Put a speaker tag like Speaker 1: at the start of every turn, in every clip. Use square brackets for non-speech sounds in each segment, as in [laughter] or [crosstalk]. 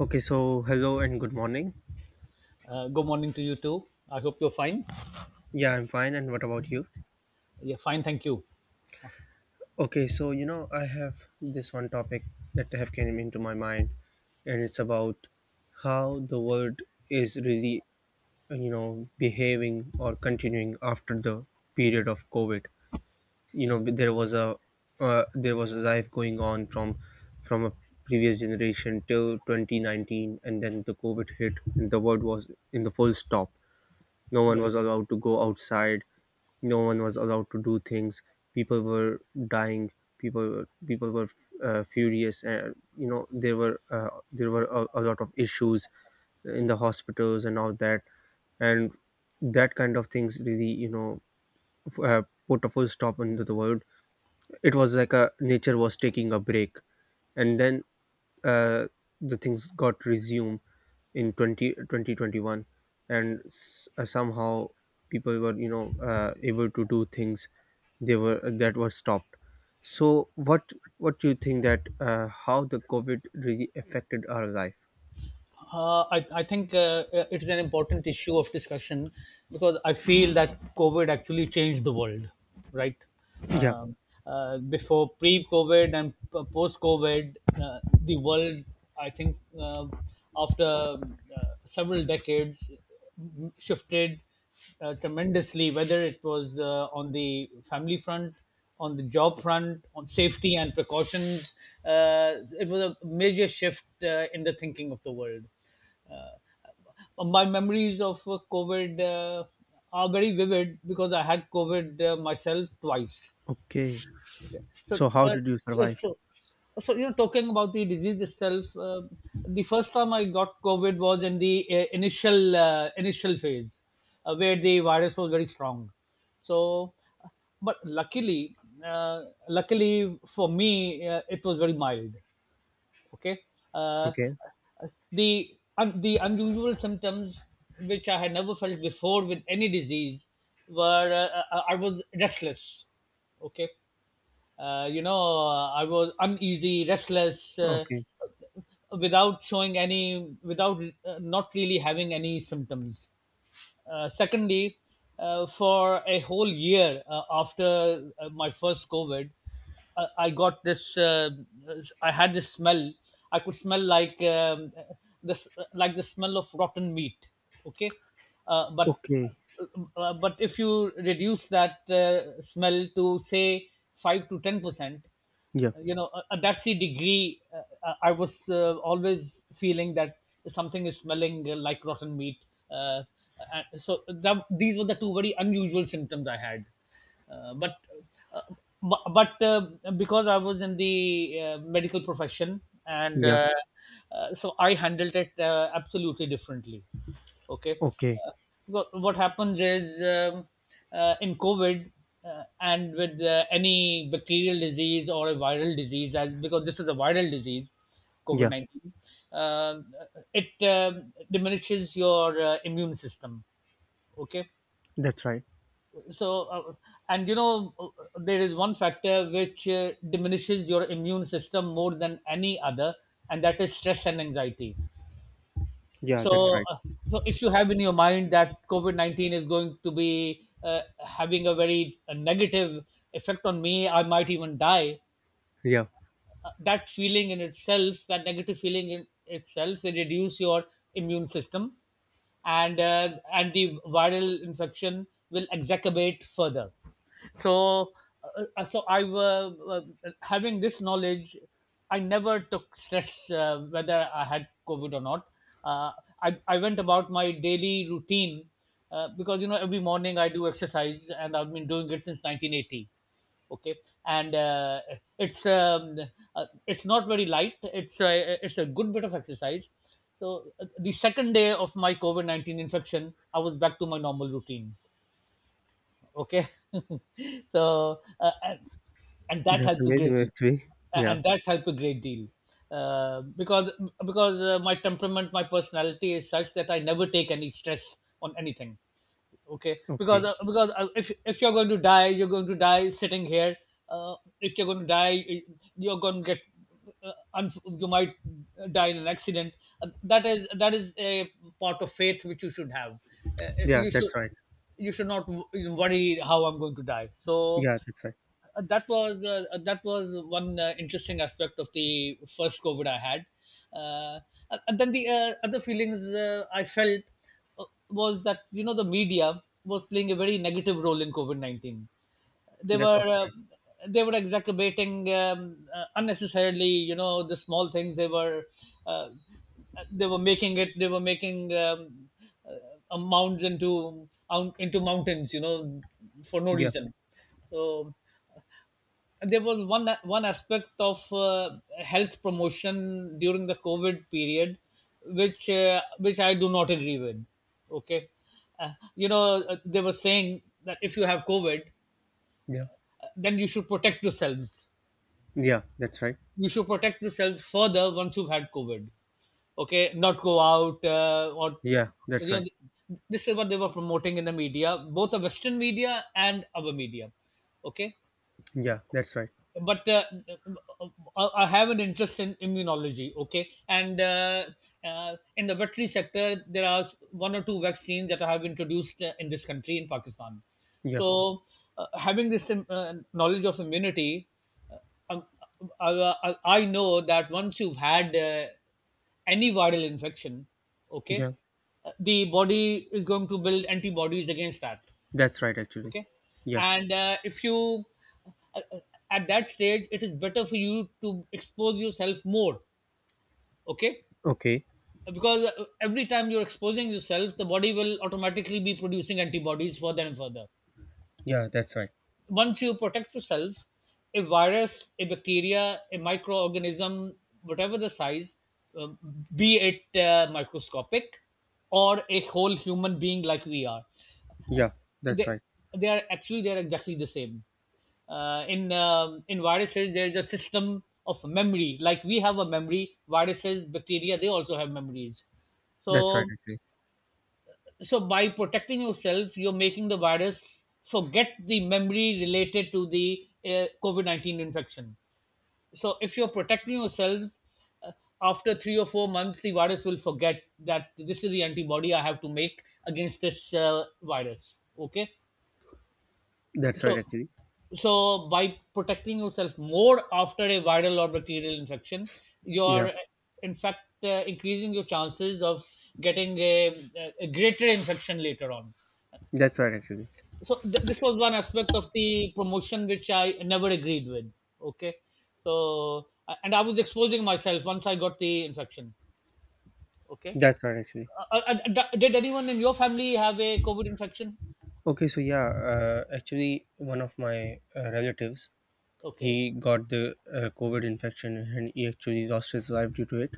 Speaker 1: Okay, so hello and good morning.
Speaker 2: Good morning to you too. I hope you're fine.
Speaker 1: Yeah, I'm fine. And what about you?
Speaker 2: Yeah, fine. Thank you.
Speaker 1: Okay, so I have this one topic that have came into my mind, and it's about how the world is really, behaving or continuing after the period of COVID. You know, there was a life going on from a previous generation till 2019, and then the COVID hit, and the world was in the full stop. No one
Speaker 2: Right.
Speaker 1: was allowed to go outside. No one was allowed to do things. People were dying. People were furious, and you know there were a lot of issues in the hospitals and all that, and that kind of things really f- uh, put a full stop into the world. It was like a nature was taking a break, and then uh, the things got resumed in 20 2021, and somehow people were able to do things they were that was stopped. So what do you think that how the covid really affected our life?
Speaker 2: I think it is an important issue of discussion because I feel that COVID actually changed the world, right?
Speaker 1: Yeah.
Speaker 2: Um, Before pre COVID and post COVID, the world, I think, after uh, several decades shifted tremendously, whether it was on the family front, on the job front, on safety and precautions. It was a major shift in the thinking of the world. Uh, my memories of COVID are very vivid because I had COVID myself twice.
Speaker 1: Okay,
Speaker 2: So,
Speaker 1: so how
Speaker 2: uh,
Speaker 1: did you survive?
Speaker 2: so, so you know, talking about the disease itself, the first time I got COVID was in the initial phase, where the virus was very strong. So, but luckily, luckily for me, it was very mild. Okay. uh,
Speaker 1: Okay.
Speaker 2: the un- the unusual symptoms which I had never felt before with any disease were I was restless. Okay, you know, I was uneasy, restless,
Speaker 1: Okay.
Speaker 2: without showing any, without not really having any symptoms. Secondly, for a whole year after my first COVID, I got this. Uh, I had this smell. I could smell like this, like the smell of rotten meat. Okay, uh, but
Speaker 1: Okay.
Speaker 2: but if you reduce that smell to say 5 to 10%,
Speaker 1: Yeah.
Speaker 2: that's the degree I was always feeling that something is smelling like rotten meat, uh, so that, these were the two very unusual symptoms I had, but uh, bu- but because I was in the medical profession, and
Speaker 1: Yeah.
Speaker 2: uh, uh, so I handled it absolutely differently. Okay.
Speaker 1: Okay.
Speaker 2: Uh, what happens is, in COVID and with any bacterial disease or a viral disease, as because this is a viral disease, COVID
Speaker 1: Yeah,
Speaker 2: 19, uh, it diminishes your immune system. Okay.
Speaker 1: that's right.
Speaker 2: So, and you know, there is one factor which diminishes your immune system more than any other, and that is stress and anxiety.
Speaker 1: Yeah, that's
Speaker 2: so
Speaker 1: right.
Speaker 2: uh, so if you have in your mind that COVID 19 is going to be having a very negative effect on me, I might even die.
Speaker 1: Yeah.
Speaker 2: That feeling in itself, that negative feeling in itself, they reduce your immune system, and the viral infection will exacerbate further. So, so I, having this knowledge, I never took stress whether I had COVID or not. Uh, I went about my daily routine because you know every morning I do exercise, and I've been doing it since 1980. Okay. and It's it's not very light, it's a good bit of exercise. The second day of my covid-19 infection, I was back to my normal routine. Okay. [laughs] so uh, and, and that
Speaker 1: That's
Speaker 2: helped a great
Speaker 1: amazing,
Speaker 2: deal.
Speaker 1: actually.
Speaker 2: A-
Speaker 1: Yeah.
Speaker 2: and that helped a great deal, uh, because because my temperament, my personality is such that I never take any stress on anything. Okay, because
Speaker 1: Okay.
Speaker 2: uh, because uh, if if you're going to die, you're going to die sitting here. uh, if you're going to die, are going to get, uh, you might die in an accident. That is a part of faith which you should have.
Speaker 1: Yeah,
Speaker 2: You should,
Speaker 1: that's right.
Speaker 2: you should not worry how I'm going to die. so
Speaker 1: Yeah, that's right.
Speaker 2: uh, that was uh, uh, that was one interesting aspect of the first COVID I had. Uh, and then the other feelings I felt was that you know the media was playing a very negative role in COVID 19. They
Speaker 1: That's
Speaker 2: were,
Speaker 1: also right.
Speaker 2: they were exacerbating, unnecessarily, you know, the small things, they were, uh, they were making it, they were making, uh, mounds into, into mountains, you know, for no
Speaker 1: Yeah.
Speaker 2: reason. So there was one aspect of health promotion during the COVID period, which, which I do not agree with. Okay, you know, they were saying that if you have COVID,
Speaker 1: Yeah.
Speaker 2: then you should protect yourselves.
Speaker 1: Yeah, that's right.
Speaker 2: You should protect yourselves further once you've had COVID. Okay, not go out, or
Speaker 1: Yeah, that's
Speaker 2: you
Speaker 1: right.
Speaker 2: know, this is what they were promoting in the media, both the Western media and our media. Okay,
Speaker 1: Yeah, that's right.
Speaker 2: but I have an interest in immunology. Okay, and in the veterinary sector, there are one or two vaccines that have been introduced in this country, in Pakistan.
Speaker 1: Yeah.
Speaker 2: So, having this knowledge of immunity, uh, um, I, I know that once you've had any viral infection, okay,
Speaker 1: Yeah,
Speaker 2: the body is going to build antibodies against that.
Speaker 1: that's right, actually.
Speaker 2: Okay.
Speaker 1: Yeah.
Speaker 2: and If you, uh, uh, at that stage, it is better for you to expose yourself more. Okay,
Speaker 1: Okay.
Speaker 2: because every time you're exposing yourself, the body will automatically be producing antibodies further and further.
Speaker 1: Yeah, that's right.
Speaker 2: Once you protect yourself, a virus, a bacteria, a microorganism, whatever the size, uh, be it microscopic or a whole human being like we are, uh,
Speaker 1: Yeah, that's
Speaker 2: they,
Speaker 1: right.
Speaker 2: they are actually, they are exactly the same. In viruses, there is a system of memory. Like we have a memory, viruses, bacteria, they also have memories.
Speaker 1: That's right,
Speaker 2: So
Speaker 1: actually.
Speaker 2: so by protecting yourself, you're making the virus forget the memory related to the covid-19 infection. So if you're protecting yourselves, uh, after 3 or 4 months the virus will forget that this is the antibody I have to make against this virus. Okay.
Speaker 1: That's right,
Speaker 2: so
Speaker 1: actually.
Speaker 2: so by protecting yourself more after a viral or bacterial infection,
Speaker 1: Yeah,
Speaker 2: you're in fact increasing your chances of getting a greater infection later on.
Speaker 1: that's right, actually.
Speaker 2: So this was one aspect of the promotion which I never agreed with. Okay. So and I was exposing myself once I got the infection. Okay.
Speaker 1: That's right, actually.
Speaker 2: Did anyone in your family have a covid infection?
Speaker 1: Okay, so yeah, actually, one of my relatives,
Speaker 2: Okay.
Speaker 1: he got the COVID infection, and he actually lost his life due to it.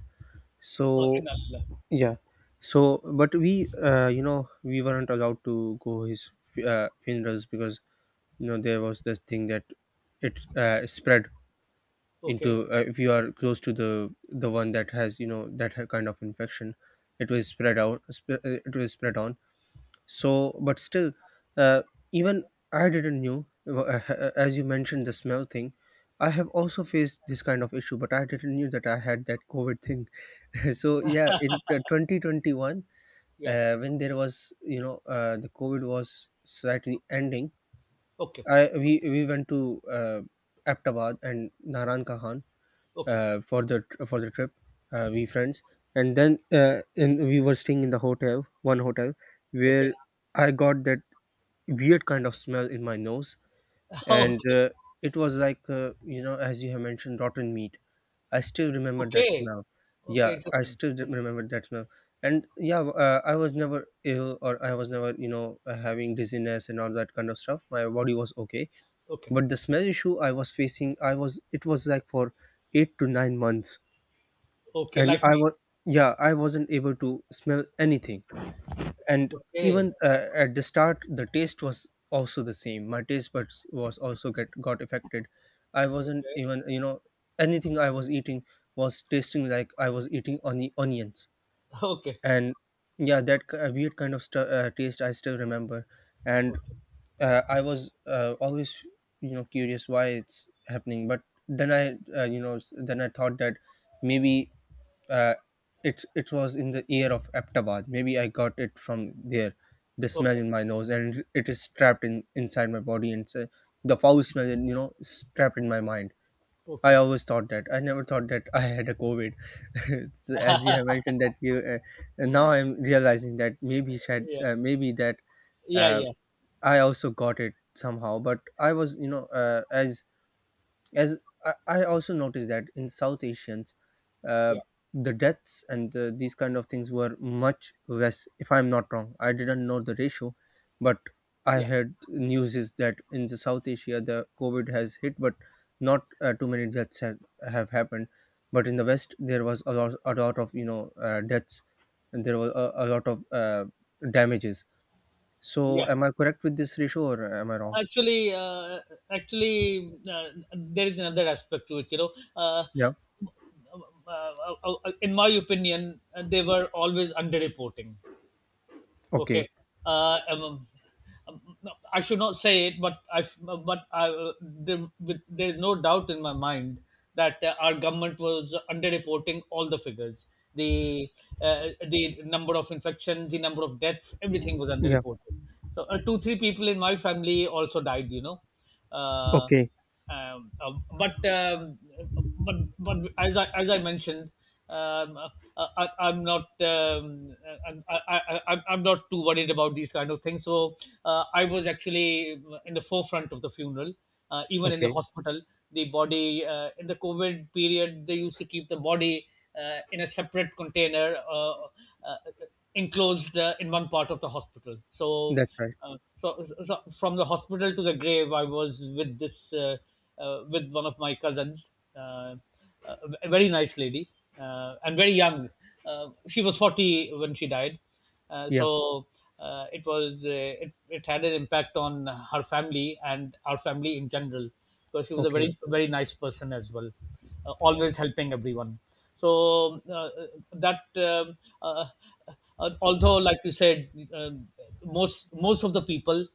Speaker 2: Oh,
Speaker 1: So
Speaker 2: in Allah.
Speaker 1: yeah. So, but we weren't allowed to go his funerals, because there was this thing that it spread
Speaker 2: Okay.
Speaker 1: into. If you are close to the one that has that kind of infection, it was spread out. It was spread on. So, but still, uh, even I didn't knew as you mentioned the smell thing. I have also faced this kind of issue, but I didn't knew that I had that COVID thing. [laughs] So yeah, in 2021,
Speaker 2: Yeah.
Speaker 1: when there was the covid was slightly ending,
Speaker 2: Okay.
Speaker 1: I we went to uh, aptabad and naran kahan
Speaker 2: Okay.
Speaker 1: for the trip, we friends, and we were staying in the hotel, one hotel, where
Speaker 2: Okay.
Speaker 1: I got that weird kind of smell in my nose. And
Speaker 2: [laughs] Okay.
Speaker 1: it was like, as you have mentioned, rotten meat. I still remember that
Speaker 2: Okay.
Speaker 1: smell.
Speaker 2: Okay.
Speaker 1: Yeah, I
Speaker 2: Interesting.
Speaker 1: still remember that smell. And yeah, I was never ill, or I was never, having dizziness and all that kind of stuff. My body was okay.
Speaker 2: Okay.
Speaker 1: But the smell issue I was facing, it was like for 8 to 9 months.
Speaker 2: Okay.
Speaker 1: And
Speaker 2: Like
Speaker 1: I
Speaker 2: me.
Speaker 1: was, yeah, I wasn't able to smell anything. And
Speaker 2: Okay.
Speaker 1: even at the start, the taste was also the same. My taste buds was also get got affected. I wasn't
Speaker 2: Okay.
Speaker 1: even, anything I was eating was tasting like I was eating on the onions.
Speaker 2: Okay.
Speaker 1: And yeah, that weird kind of taste I still remember. And
Speaker 2: Okay.
Speaker 1: I was always, curious why it's happening. But then I you know s- then I thought that maybe, uh, it was in the ear of Aptabad. Maybe I got it from there, the smell
Speaker 2: Okay.
Speaker 1: in my nose, and it is trapped in inside my body, and so the foul smell, is trapped in my mind. I
Speaker 2: Okay.
Speaker 1: always thought that. I never thought that [laughs] I had a COVID. [laughs] So, as you have mentioned that you, and now I'm realizing that maybe shed,
Speaker 2: Yeah.
Speaker 1: maybe that
Speaker 2: Yeah.
Speaker 1: uh,
Speaker 2: Yeah.
Speaker 1: I also got it somehow. But I was, you know, as I also noticed that in south asians, uh,
Speaker 2: Yeah.
Speaker 1: the deaths and, these kind of things were much less. If I'm not wrong, I didn't know the ratio, but I
Speaker 2: Yeah.
Speaker 1: heard news is that in the south asia, the covid has hit, but not too many deaths have happened. But in the west, there was a lot of deaths, and there was a lot of damages. So
Speaker 2: Yeah.
Speaker 1: am I correct with this ratio, or am I wrong?
Speaker 2: Actually, actually uh, there is another aspect to it, you know. uh,
Speaker 1: Yeah.
Speaker 2: in my opinion, they were always underreporting.
Speaker 1: Okay.
Speaker 2: Okay. Uh, um, um, no, I should not say it, but there's no doubt in my mind that our government was underreporting all the figures. The, the number of infections, the number of deaths, everything was
Speaker 1: Yeah.
Speaker 2: underreported. So, two, three people in my family also died. You know, uh,
Speaker 1: Okay.
Speaker 2: um, uh, but, but, as I mentioned, um, uh, I, I'm not I'm- I, am I'm not too worried about these kind of things. So, I was actually in the forefront of the funeral, even in the
Speaker 1: Okay.
Speaker 2: hospital. The body, in the COVID period, they used to keep the body in a separate container, uh, enclosed in one part of the hospital. So
Speaker 1: That's right.
Speaker 2: uh, so, so from the hospital to the grave, I was with this, with one of my cousins, a very nice lady and very young. She was 40 when she died,
Speaker 1: Yeah.
Speaker 2: so it was, it had an impact on her family and our family in general because she was a
Speaker 1: Okay.
Speaker 2: very very nice person as well, always helping everyone. So, that although like you said, most of the people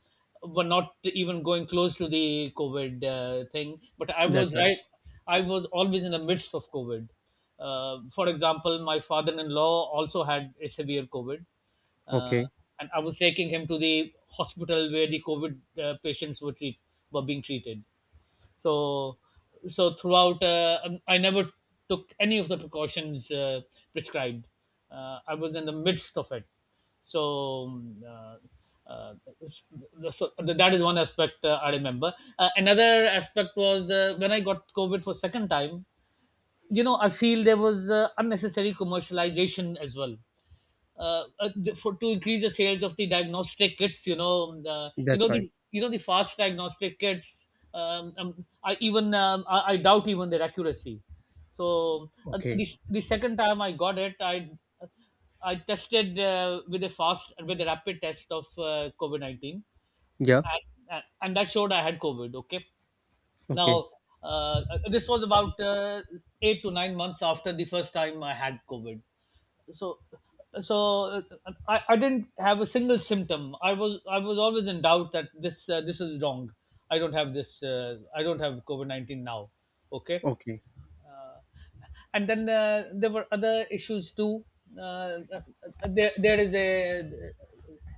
Speaker 2: were not even going close to the covid thing, but I
Speaker 1: That's
Speaker 2: was
Speaker 1: right.
Speaker 2: right, I was always in the midst of covid. For example, my father-in-law also had a severe covid, uh,
Speaker 1: Okay.
Speaker 2: and I was taking him to the hospital where the covid patients were were being treated. So, so throughout, I never took any of the precautions prescribed. I was in the midst of it. So, uh, s- so that is one aspect I remember. Another aspect was when I got COVID for second time. You know, I feel there was unnecessary commercialization as well, for to increase the sales of the diagnostic kits. You know, you
Speaker 1: That's
Speaker 2: know
Speaker 1: right.
Speaker 2: the, you know the fast diagnostic kits. I even, I doubt even their accuracy. So, uh,
Speaker 1: Okay.
Speaker 2: the the second time I got it, I tested with a rapid test of COVID 19,
Speaker 1: Yeah.
Speaker 2: and, and that showed I had COVID. Okay,
Speaker 1: Okay.
Speaker 2: now, this was about 8 to 9 months after the first time I had COVID. So, so I didn't have a single symptom. I was always in doubt that this is wrong. I don't have this. I don't have COVID 19 now. Okay.
Speaker 1: Okay.
Speaker 2: uh, and then there were other issues too. Uh, uh, there,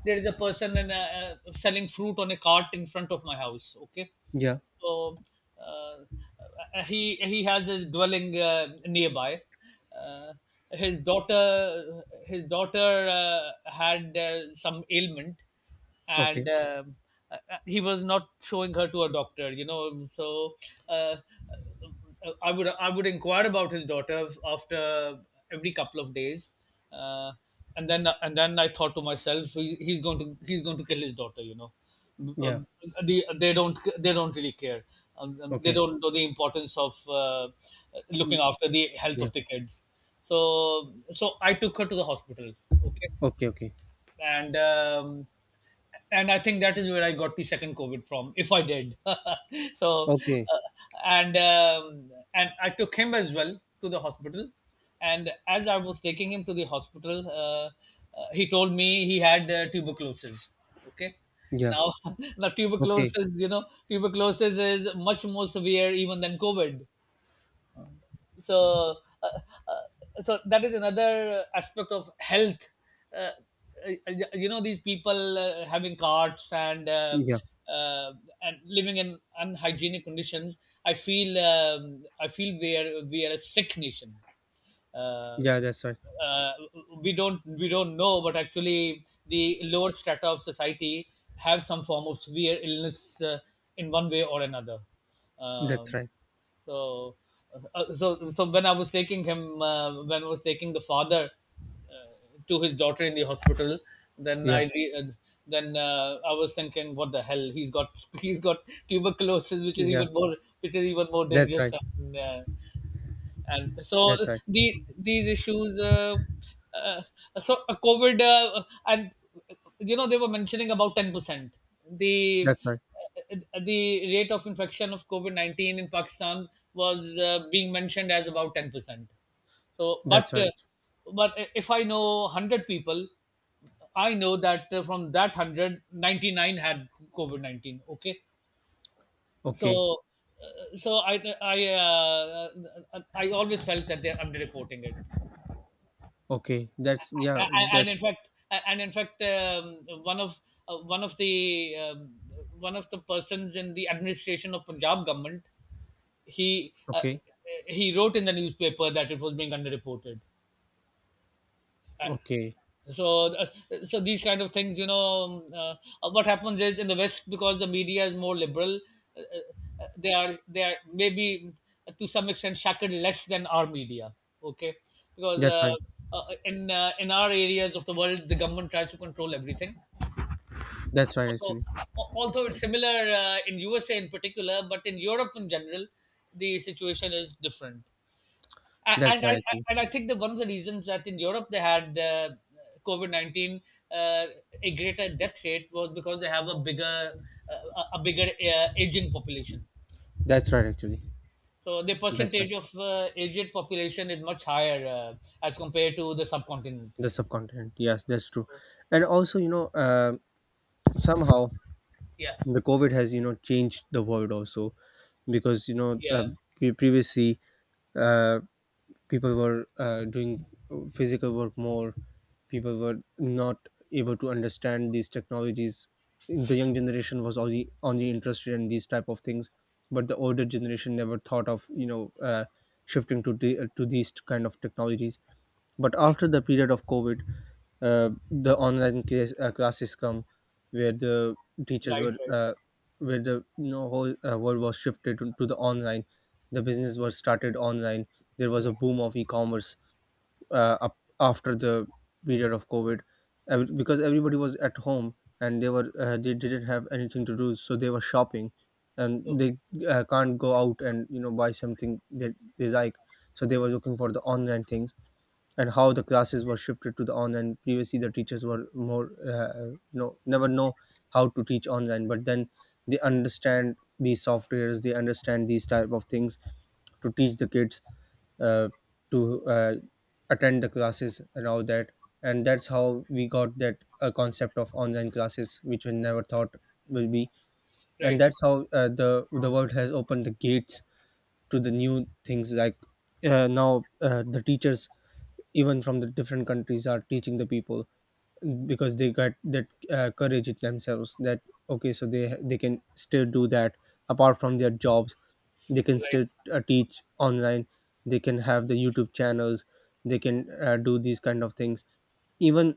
Speaker 2: there is a person and selling fruit on a cart in front of my house. Okay.
Speaker 1: Yeah.
Speaker 2: So uh, he has his dwelling nearby. Uh, his daughter had some ailment, and
Speaker 1: Okay.
Speaker 2: uh, he was not showing her to a doctor. Uh, I would inquire about his daughter after every couple of days, uh, and then I thought to myself, he's going to kill his daughter.
Speaker 1: Yeah.
Speaker 2: Um, they don't really care. They
Speaker 1: Okay.
Speaker 2: don't know the importance of
Speaker 1: Mm,
Speaker 2: looking after the health
Speaker 1: yeah.
Speaker 2: of the kids. So I took her to the hospital. Okay,
Speaker 1: Okay. Okay.
Speaker 2: and um, and I think that is where I got the second COVID from, if I did. [laughs] so,
Speaker 1: Okay.
Speaker 2: uh, and I took him as well to the hospital, and as I was taking him to the hospital, he told me he had tuberculosis. Okay,
Speaker 1: Yeah.
Speaker 2: now [laughs] now
Speaker 1: Okay.
Speaker 2: tuberculosis, tuberculosis is much more severe even than COVID. So uh, uh, so that is another aspect of health. uh, these people having carts
Speaker 1: Yeah.
Speaker 2: uh, and living in unhygienic conditions, I feel we are a sick nation. uh,
Speaker 1: Yeah. That's right.
Speaker 2: uh, we don't know, but actually the lower strata of society have some form of severe illness, in one way or another.
Speaker 1: That's
Speaker 2: Um
Speaker 1: right.
Speaker 2: so, so when I was taking him, when I was taking the father uh, to his daughter in the hospital, then
Speaker 1: Yeah.
Speaker 2: I re- uh, then I was thinking, what the hell? He's got [laughs] he's got tuberculosis, which is
Speaker 1: Yeah.
Speaker 2: even more
Speaker 1: That's
Speaker 2: dangerous
Speaker 1: right.
Speaker 2: than. And
Speaker 1: That's
Speaker 2: so
Speaker 1: right.
Speaker 2: these issues, uh, so COVID, and they were mentioning about 10%, the
Speaker 1: That's right.
Speaker 2: uh, the rate of infection of covid-19 in Pakistan was being mentioned as about 10%. So
Speaker 1: That's right.
Speaker 2: but if I know 100 people, I know that from that 199 had covid-19. Okay.
Speaker 1: Okay.
Speaker 2: so uh, so I I uh, I always felt that they're underreporting it.
Speaker 1: Okay. That's yeah.
Speaker 2: A-
Speaker 1: That
Speaker 2: and in fact, one of uh, one of the um, one of the persons in the administration of Punjab government, he uh,
Speaker 1: okay.
Speaker 2: he wrote in the newspaper that it was being underreported,
Speaker 1: Okay.
Speaker 2: so so these kind of things, what happens is in the West, because the media is more liberal. uh, they are maybe to some extent shackled less than our media. Okay. Because
Speaker 1: That's right.
Speaker 2: in our areas of the world, the government tries to control everything.
Speaker 1: That's right,
Speaker 2: although
Speaker 1: actually.
Speaker 2: although it's similar in USA in particular, but in Europe in general the situation is different. a-
Speaker 1: That's
Speaker 2: and I
Speaker 1: right,
Speaker 2: I-
Speaker 1: actually.
Speaker 2: and I think that one of the reasons that in Europe they had COVID 19 uh, a greater death rate was because they have uh, a bigger aging population.
Speaker 1: That's right, actually.
Speaker 2: So the
Speaker 1: That's right.
Speaker 2: percentage of aged population is much higher, as compared to the subcontinent.
Speaker 1: The subcontinent, yes, that's true.
Speaker 2: So
Speaker 1: And also, somehow
Speaker 2: yeah,
Speaker 1: the covid has changed the world also, because
Speaker 2: yeah,
Speaker 1: previously, uh, people were doing physical work more. People were not able to understand these technologies. The young generation was only interested in these type of things, but the older generation never thought of, shifting to to these kind of technologies. But
Speaker 2: right,
Speaker 1: after the period of covid, the online classes come, where the teachers
Speaker 2: right,
Speaker 1: were,
Speaker 2: right, right,
Speaker 1: where the whole world was shifted to the online. The business was started online. There was a
Speaker 2: right.
Speaker 1: boom of e-commerce up after the period of covid, because everybody was at home, and they didn't have anything to do, so they were shopping, and
Speaker 2: Oh,
Speaker 1: they can't go out and buy something that they like. So they were looking for the online things. And how the classes were shifted to the online, previously the teachers were more never know how to teach online. But then they understand these softwares. They understand these type of things to teach the kids, uh, to attend the classes and all that. And that's how we got that concept of online classes, which we never thought will be. And
Speaker 2: right,
Speaker 1: that's how, the world has opened the gates to the new things, like now, the teachers even from the different countries are teaching the people, because they got that courage in themselves that okay, so they can still do that apart from their jobs. They can
Speaker 2: right,
Speaker 1: still teach online. They can have the youtube channels. They can do these kind of things. Even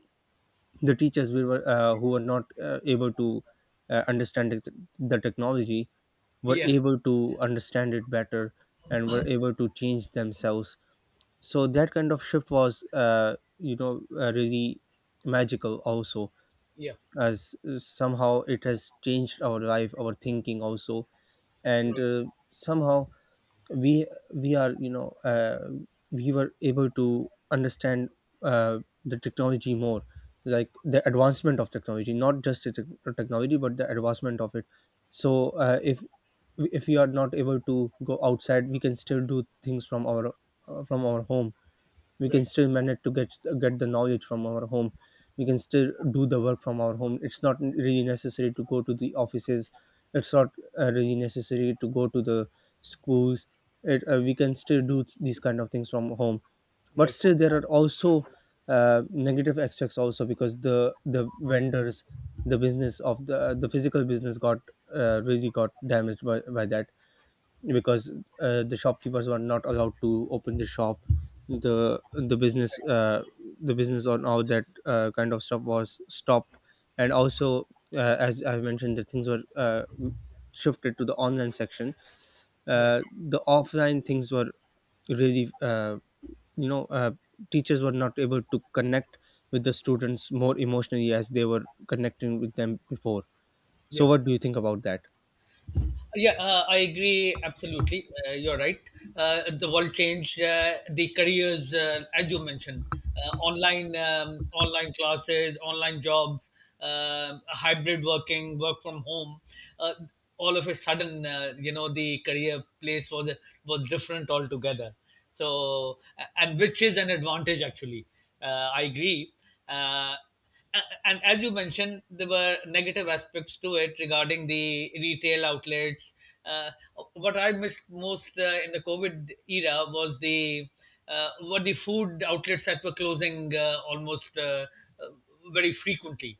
Speaker 1: the teachers we were, who were not able to understand the technology, were
Speaker 2: yeah,
Speaker 1: able to understand it better, and were able to change themselves. So that kind of shift was, really magical also,
Speaker 2: yeah,
Speaker 1: as somehow it has changed our life, our thinking also. And
Speaker 2: right,
Speaker 1: somehow we we are you know we were able to understand uh, the technology more, like the advancement of technology, not just the technology, but the advancement of it. So if we are not able to go outside, we can still do things from our home. We can
Speaker 2: right,
Speaker 1: still manage to get the knowledge from our home. We can still do the work from our home. It's not really necessary to go to the offices. It's not really necessary to go to the schools. We can still do these kind of things from home. But
Speaker 2: right,
Speaker 1: still, there are also negative aspects also, because the vendors, the business of the physical business got really got damaged by that, because the shopkeepers were not allowed to open the shop. The the business uh, the business on all that kind of stuff was stopped. And also, as I mentioned, the things were, shifted to the online section.
Speaker 2: right,
Speaker 1: The offline things were really, you know uh, teachers were not able to connect with the students more emotionally as they were connecting with them before. So
Speaker 2: yeah.
Speaker 1: what do you think about that?
Speaker 2: Yeah, I agree absolutely. You're right. The world changed, the careers, as you mentioned, online classes, online jobs, hybrid working, work from home. Uh, all of a sudden, the career place was different altogether. So, and which is an advantage actually. I agree. Uh, and as you mentioned, there were negative aspects to it regarding the retail outlets. Uh, what I missed most, in the COVID era, was the were the food outlets that were closing, almost uh, very frequently.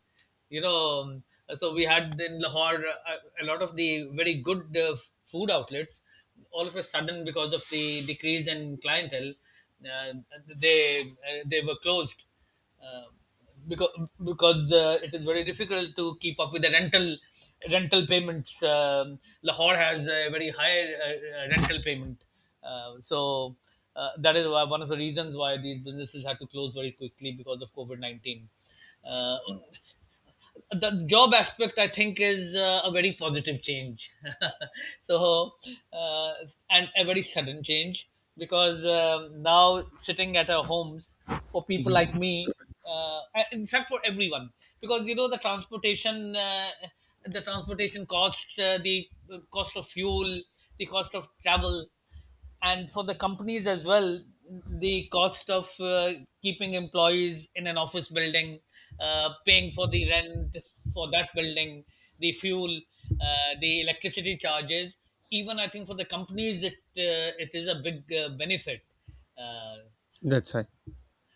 Speaker 2: You know, um, so we had in Lahore a lot of the very good food outlets. All of a sudden, because of the decrease in clientele, uh, they were closed, uh, because it is very difficult to keep up with the rental payments. Lahore has a very high rental payment, uh, so that is one of the reasons why these businesses had to close very quickly because of COVID 19. Uh, the job aspect, I think, is a very positive change. [laughs] so uh, and a very sudden change, because now sitting at our homes, for people
Speaker 1: Yeah,
Speaker 2: like me, and in fact for everyone, because you know the transportation, costs, the cost of fuel, the cost of travel, and for the companies as well, the cost of keeping employees in an office building, paying for the rent for that building, the fuel, the electricity charges. Even I think for the companies, it it is a big benefit. uh,
Speaker 1: that's right.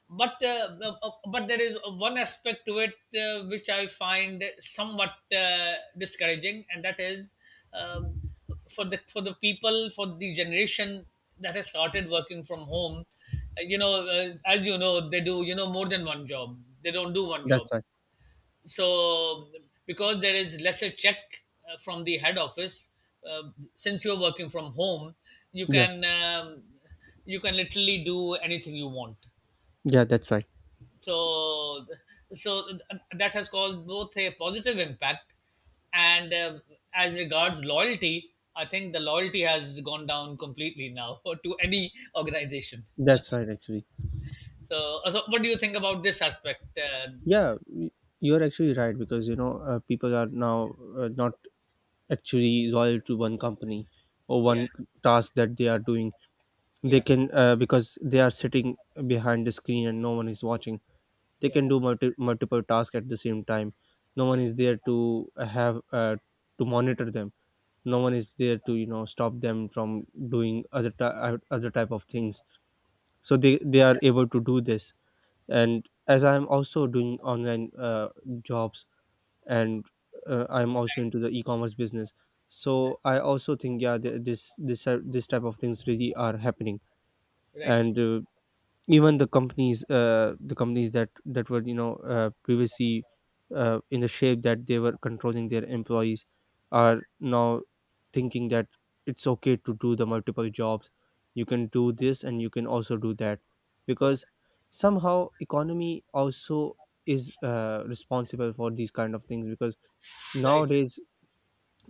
Speaker 2: but uh, uh, uh, but there is one aspect to it, which I find somewhat discouraging, and that is um, for the people, for the generation that has started working from home. You know, as you know, they do more than one job. They don't do one
Speaker 1: That's
Speaker 2: job.
Speaker 1: right.
Speaker 2: So because there is lesser check from the head office, uh, since you're working from home, you
Speaker 1: Yeah.
Speaker 2: can um, you can literally do anything you want.
Speaker 1: Yeah, that's right.
Speaker 2: So so that has caused both a positive impact. And as regards loyalty, I think the loyalty has gone down completely now. [laughs] To any organization.
Speaker 1: That's right, actually.
Speaker 2: So what do you think about this aspect?
Speaker 1: Yeah, you're actually right, because people are now, not actually loyal to one company or
Speaker 2: Yeah,
Speaker 1: one task that they are doing. They
Speaker 2: yeah,
Speaker 1: can, because they are sitting behind the screen and no one is watching. They
Speaker 2: yeah,
Speaker 1: can do multiple tasks at the same time. No one
Speaker 2: yeah,
Speaker 1: is there to have, to monitor them. No one is there to stop them from doing other other type of things. So they are able to do this. And as I'm also doing online jobs and I'm also into the e-commerce business, so I also think, yeah, this type of things really are happening.
Speaker 2: right, right,
Speaker 1: And even the companies, the companies that were previously in the shape that they were controlling their employees, are now thinking that it's okay to do the multiple jobs. You can do this and you can also do that, because
Speaker 2: okay,
Speaker 1: somehow economy also is responsible for these kind of things. Because
Speaker 2: right,
Speaker 1: nowadays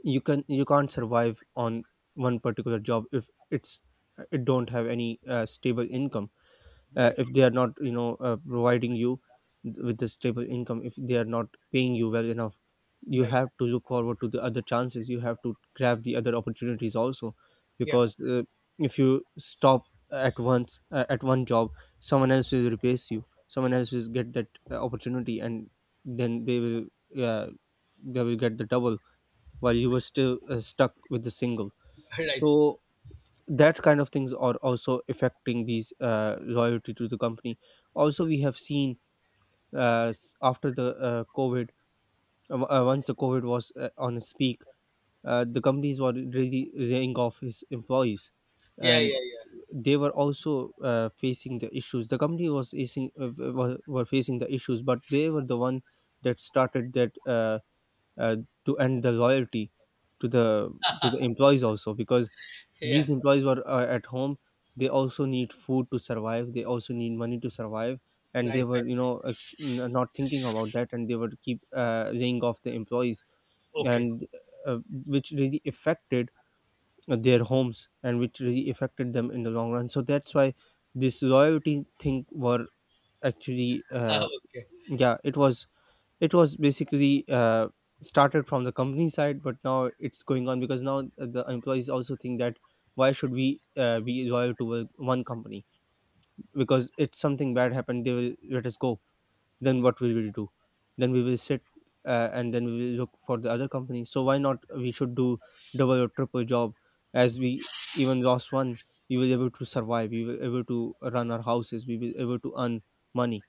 Speaker 1: you can you can't survive on one particular job if it's it don't have any stable income.
Speaker 2: right,
Speaker 1: If they are not providing you with a stable income, if they are not paying you well enough, you
Speaker 2: right,
Speaker 1: have to look forward to the other chances, you have to grab the other opportunities also.
Speaker 2: yeah.
Speaker 1: Because if you stop at once at one job, someone else will replace you, someone else will get that opportunity, and then uh, they will get the double while you were still stuck with the single.
Speaker 2: [laughs] Right,
Speaker 1: So that kind of things are also affecting these loyalty to the company. Also, we have seen after the COVID, once the COVID was on its peak, the companies were really laying off his employees.
Speaker 2: yeah,
Speaker 1: And
Speaker 2: yeah, yeah,
Speaker 1: they were also facing the issues. The company was facing were facing the issues, but they were the one that started that, uh, to end the loyalty to the to the employees also, because
Speaker 2: yeah,
Speaker 1: these employees were at home. They also need food to survive, they also need money to survive, and they
Speaker 2: right,
Speaker 1: were
Speaker 2: right,
Speaker 1: not thinking about that, and they were keep laying off the employees.
Speaker 2: okay.
Speaker 1: And uh, which really affected their homes, and which really affected them in the long run. So that's why this loyalty thing were actually
Speaker 2: [laughs] Okay,
Speaker 1: yeah, it was, it was basically started from the company side, but now it's going on because now the employees also think that why should we be loyal to one company? Because if something bad happened, they will let us go. Then what we will do? Then we will sit and then we will look for the other company. So why not we should do double or triple job? As we even lost one, we were able to survive, we were able to run our houses, we were able to earn money.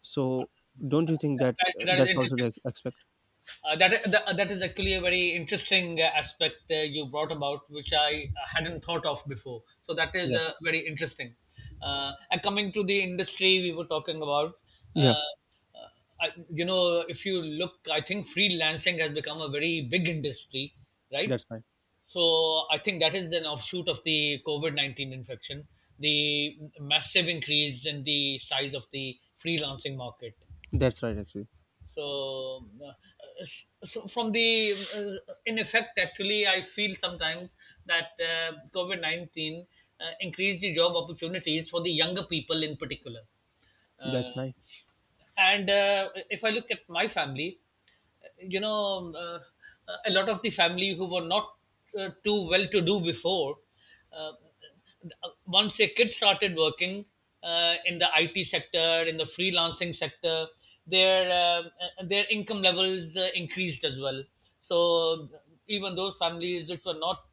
Speaker 1: So don't you think that
Speaker 2: that that is
Speaker 1: that's also the
Speaker 2: interesting.
Speaker 1: expected?
Speaker 2: That is actually a very interesting aspect you brought about, which I hadn't thought of before. So that is
Speaker 1: Yeah,
Speaker 2: very interesting. And coming to the industry we were talking about, uh,
Speaker 1: yeah,
Speaker 2: uh, I, if you look, I think freelancing has become a very big industry, right?
Speaker 1: that's right.
Speaker 2: So I think that is an offshoot of the COVID 19 infection, the massive increase in the size of the freelancing market.
Speaker 1: That's right, actually.
Speaker 2: So uh, s- so from the uh, in effect, actually, I feel sometimes that covid-19 increased the job opportunities for the younger people in particular.
Speaker 1: That's right.
Speaker 2: And if I look at my family, you know um, uh, a lot of the family who were not too well to do before, uh, once their kids started working in the IT sector, in the freelancing sector, their uh, their income levels increased as well. So even those families which were not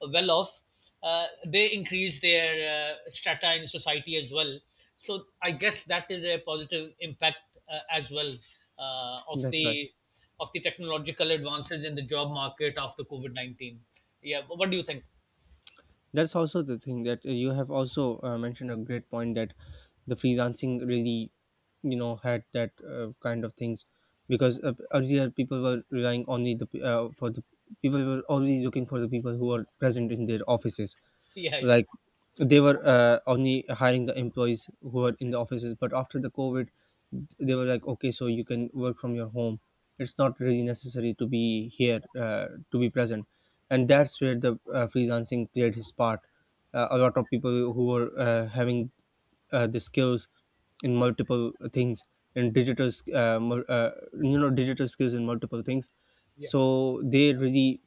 Speaker 2: well off, they increase their strata in society as well. So I guess that is a positive impact, as well, of
Speaker 1: That's right.
Speaker 2: the technological advances in the job market after COVID 19. Yeah, what do you think?
Speaker 1: That's also the thing that you have also mentioned a great point, that the freelancing really, you know, had that kind of things. Because earlier people were relying only for the people were only looking for the people who are present in their offices,
Speaker 2: Yeah, yeah,
Speaker 1: like they were only hiring the employees who were in the offices. But after the COVID, they were like, okay, so you can work from your home, it's not really necessary to be here to be present. And
Speaker 2: yeah,
Speaker 1: that's where the freelancing played his part. A lot of people who were having the skills in multiple things, in you know, digital skills in multiple things,
Speaker 2: yeah.
Speaker 1: so they really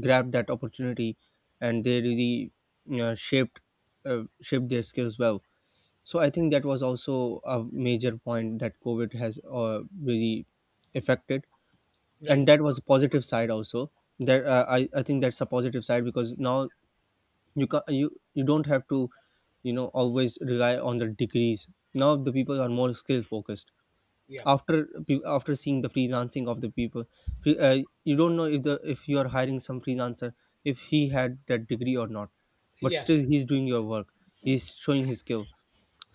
Speaker 1: grabbed that opportunity, and they really uh, shaped shaped their skills well. So I think that was also a major point that COVID has really affected. And
Speaker 2: Right.
Speaker 1: that was a positive side also, that I think that's a positive side, because now you you don't have to, you know, always rely on the degrees. Now the people are more skill focused,
Speaker 2: Yeah,
Speaker 1: after seeing the freelancing of the people. Fre- uh, you don't know if you are hiring some freelancer, if he had that degree or not, but
Speaker 2: yeah.
Speaker 1: still he's doing your work, he's showing his skill.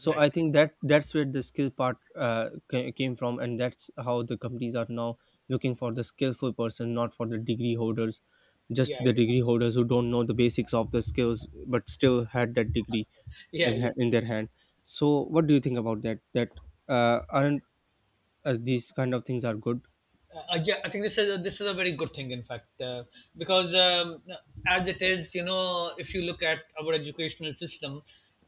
Speaker 1: So
Speaker 2: Right.
Speaker 1: I think that's where the skill part came from. And that's how the companies are now looking for the skillful person, not for the degree holders, just
Speaker 2: Yeah,
Speaker 1: the
Speaker 2: yeah,
Speaker 1: degree holders who don't know the basics of the skills but still had that degree
Speaker 2: yeah, yeah.
Speaker 1: in their hand. So what do you think about that, that aren't these kind of things are good?
Speaker 2: Yeah, I think this is a very good thing, in fact. Because as it is, if you look at our educational system,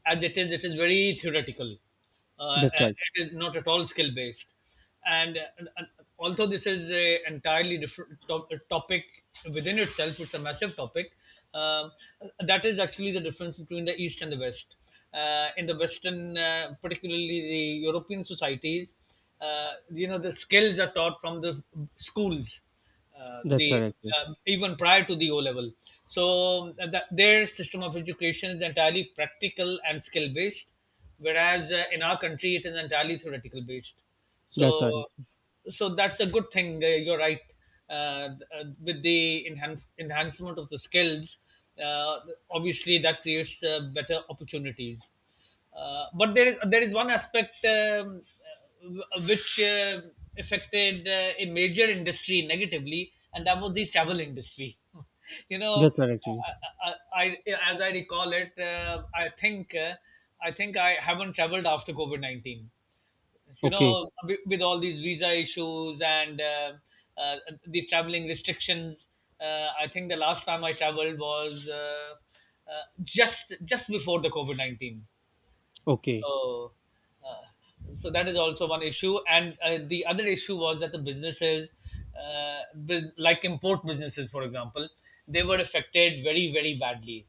Speaker 2: as it is very theoretical. Uh, uh,
Speaker 1: That's right.
Speaker 2: it is not at all skill based. And although this is a entirely different topic, within itself, it's a massive topic. Um, that is actually the difference between the East and the West. In the Western, particularly the European societies, the skills are taught from the schools,
Speaker 1: That's right,
Speaker 2: the
Speaker 1: actually.
Speaker 2: even prior to the O level. That their system of education is entirely practical and skill based, whereas in our country it is entirely theoretical based.
Speaker 1: That's right.
Speaker 2: So so that's a good thing. You're right. Uh, uh, with the enhancement of the skills, uh, obviously that creates better opportunities. But there is one aspect, which affected a major industry negatively, and that was the travel industry. [laughs] you know,
Speaker 1: That's right, actually.
Speaker 2: as I recall it, I think I haven't traveled after COVID 19,
Speaker 1: Okay.
Speaker 2: with all these visa issues, and uh, the traveling restrictions. I think the last time I traveled was just before the covid-19.
Speaker 1: Okay.
Speaker 2: So, uh, so that is also one issue. And the other issue was that the businesses, like import businesses, for example, they were affected very, very badly.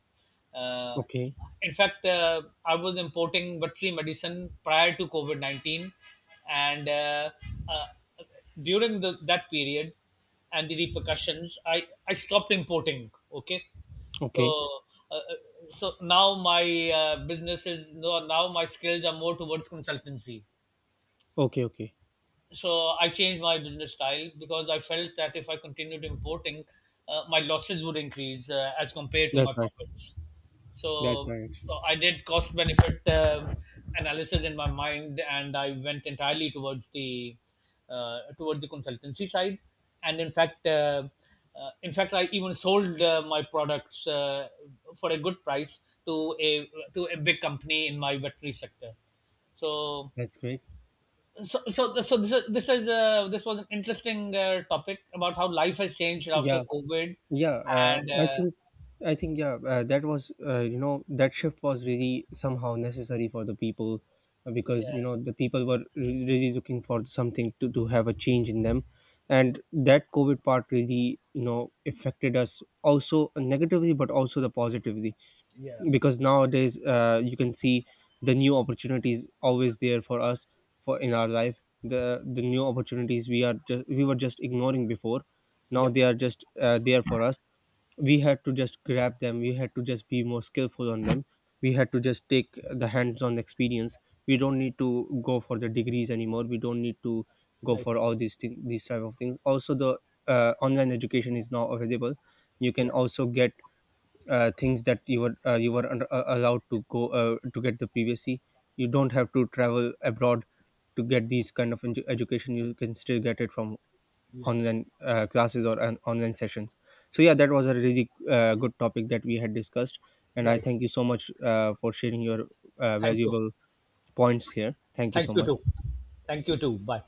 Speaker 2: Uh,
Speaker 1: Okay.
Speaker 2: in fact, I was importing veterinary medicine prior to COVID 19, and uh, during the, that period and the repercussions, I stopped importing. Okay. so
Speaker 1: Okay.
Speaker 2: uh, uh, so now my business is no now my skills are more towards consultancy.
Speaker 1: Okay. Okay.
Speaker 2: So I changed my business style because I felt that if I continued importing, my losses would increase, as compared to
Speaker 1: That's
Speaker 2: my
Speaker 1: right.
Speaker 2: profits.
Speaker 1: That's
Speaker 2: So,
Speaker 1: right, actually.
Speaker 2: I did cost benefit analysis in my mind, and I went entirely towards the consultancy side. And in fact, I even sold my products for a good price to a big company in my veterinary sector. So
Speaker 1: That's great.
Speaker 2: so this was an interesting topic about how life has changed after
Speaker 1: Yeah.
Speaker 2: COVID.
Speaker 1: Yeah. Uh,
Speaker 2: And
Speaker 1: I think. I think. Yeah. That was. You know. That shift was really somehow necessary for the people, because
Speaker 2: yeah.
Speaker 1: you know the people were really looking for something to have a change in them. And that COVID part really, you know, affected us also negatively, but also the positively.
Speaker 2: Yeah.
Speaker 1: Because nowadays you can see the new opportunities always there for us, for in our life the new opportunities we are just we were just ignoring before, now
Speaker 2: Yep.
Speaker 1: they are just there for us. We had to just grab them, we had to just be more skillful on them, we had to just take the hands on experience. We don't need to go for the degrees anymore, we don't need to go
Speaker 2: Right.
Speaker 1: for all these things, these type of things. Also, the online education is now available. You can
Speaker 2: Yeah.
Speaker 1: also get things that you were under, allowed to go to get the privacy. You don't have to travel abroad to get these kind of education. You can still get it from
Speaker 2: Yeah.
Speaker 1: online classes or an online sessions. So yeah, that was a really good topic that we had discussed, and I
Speaker 2: Right.
Speaker 1: thank you so much for sharing your
Speaker 2: Thank you.
Speaker 1: valuable points here. Thank you
Speaker 2: Thank
Speaker 1: so
Speaker 2: you
Speaker 1: much.
Speaker 2: too. Thank you too. Bye.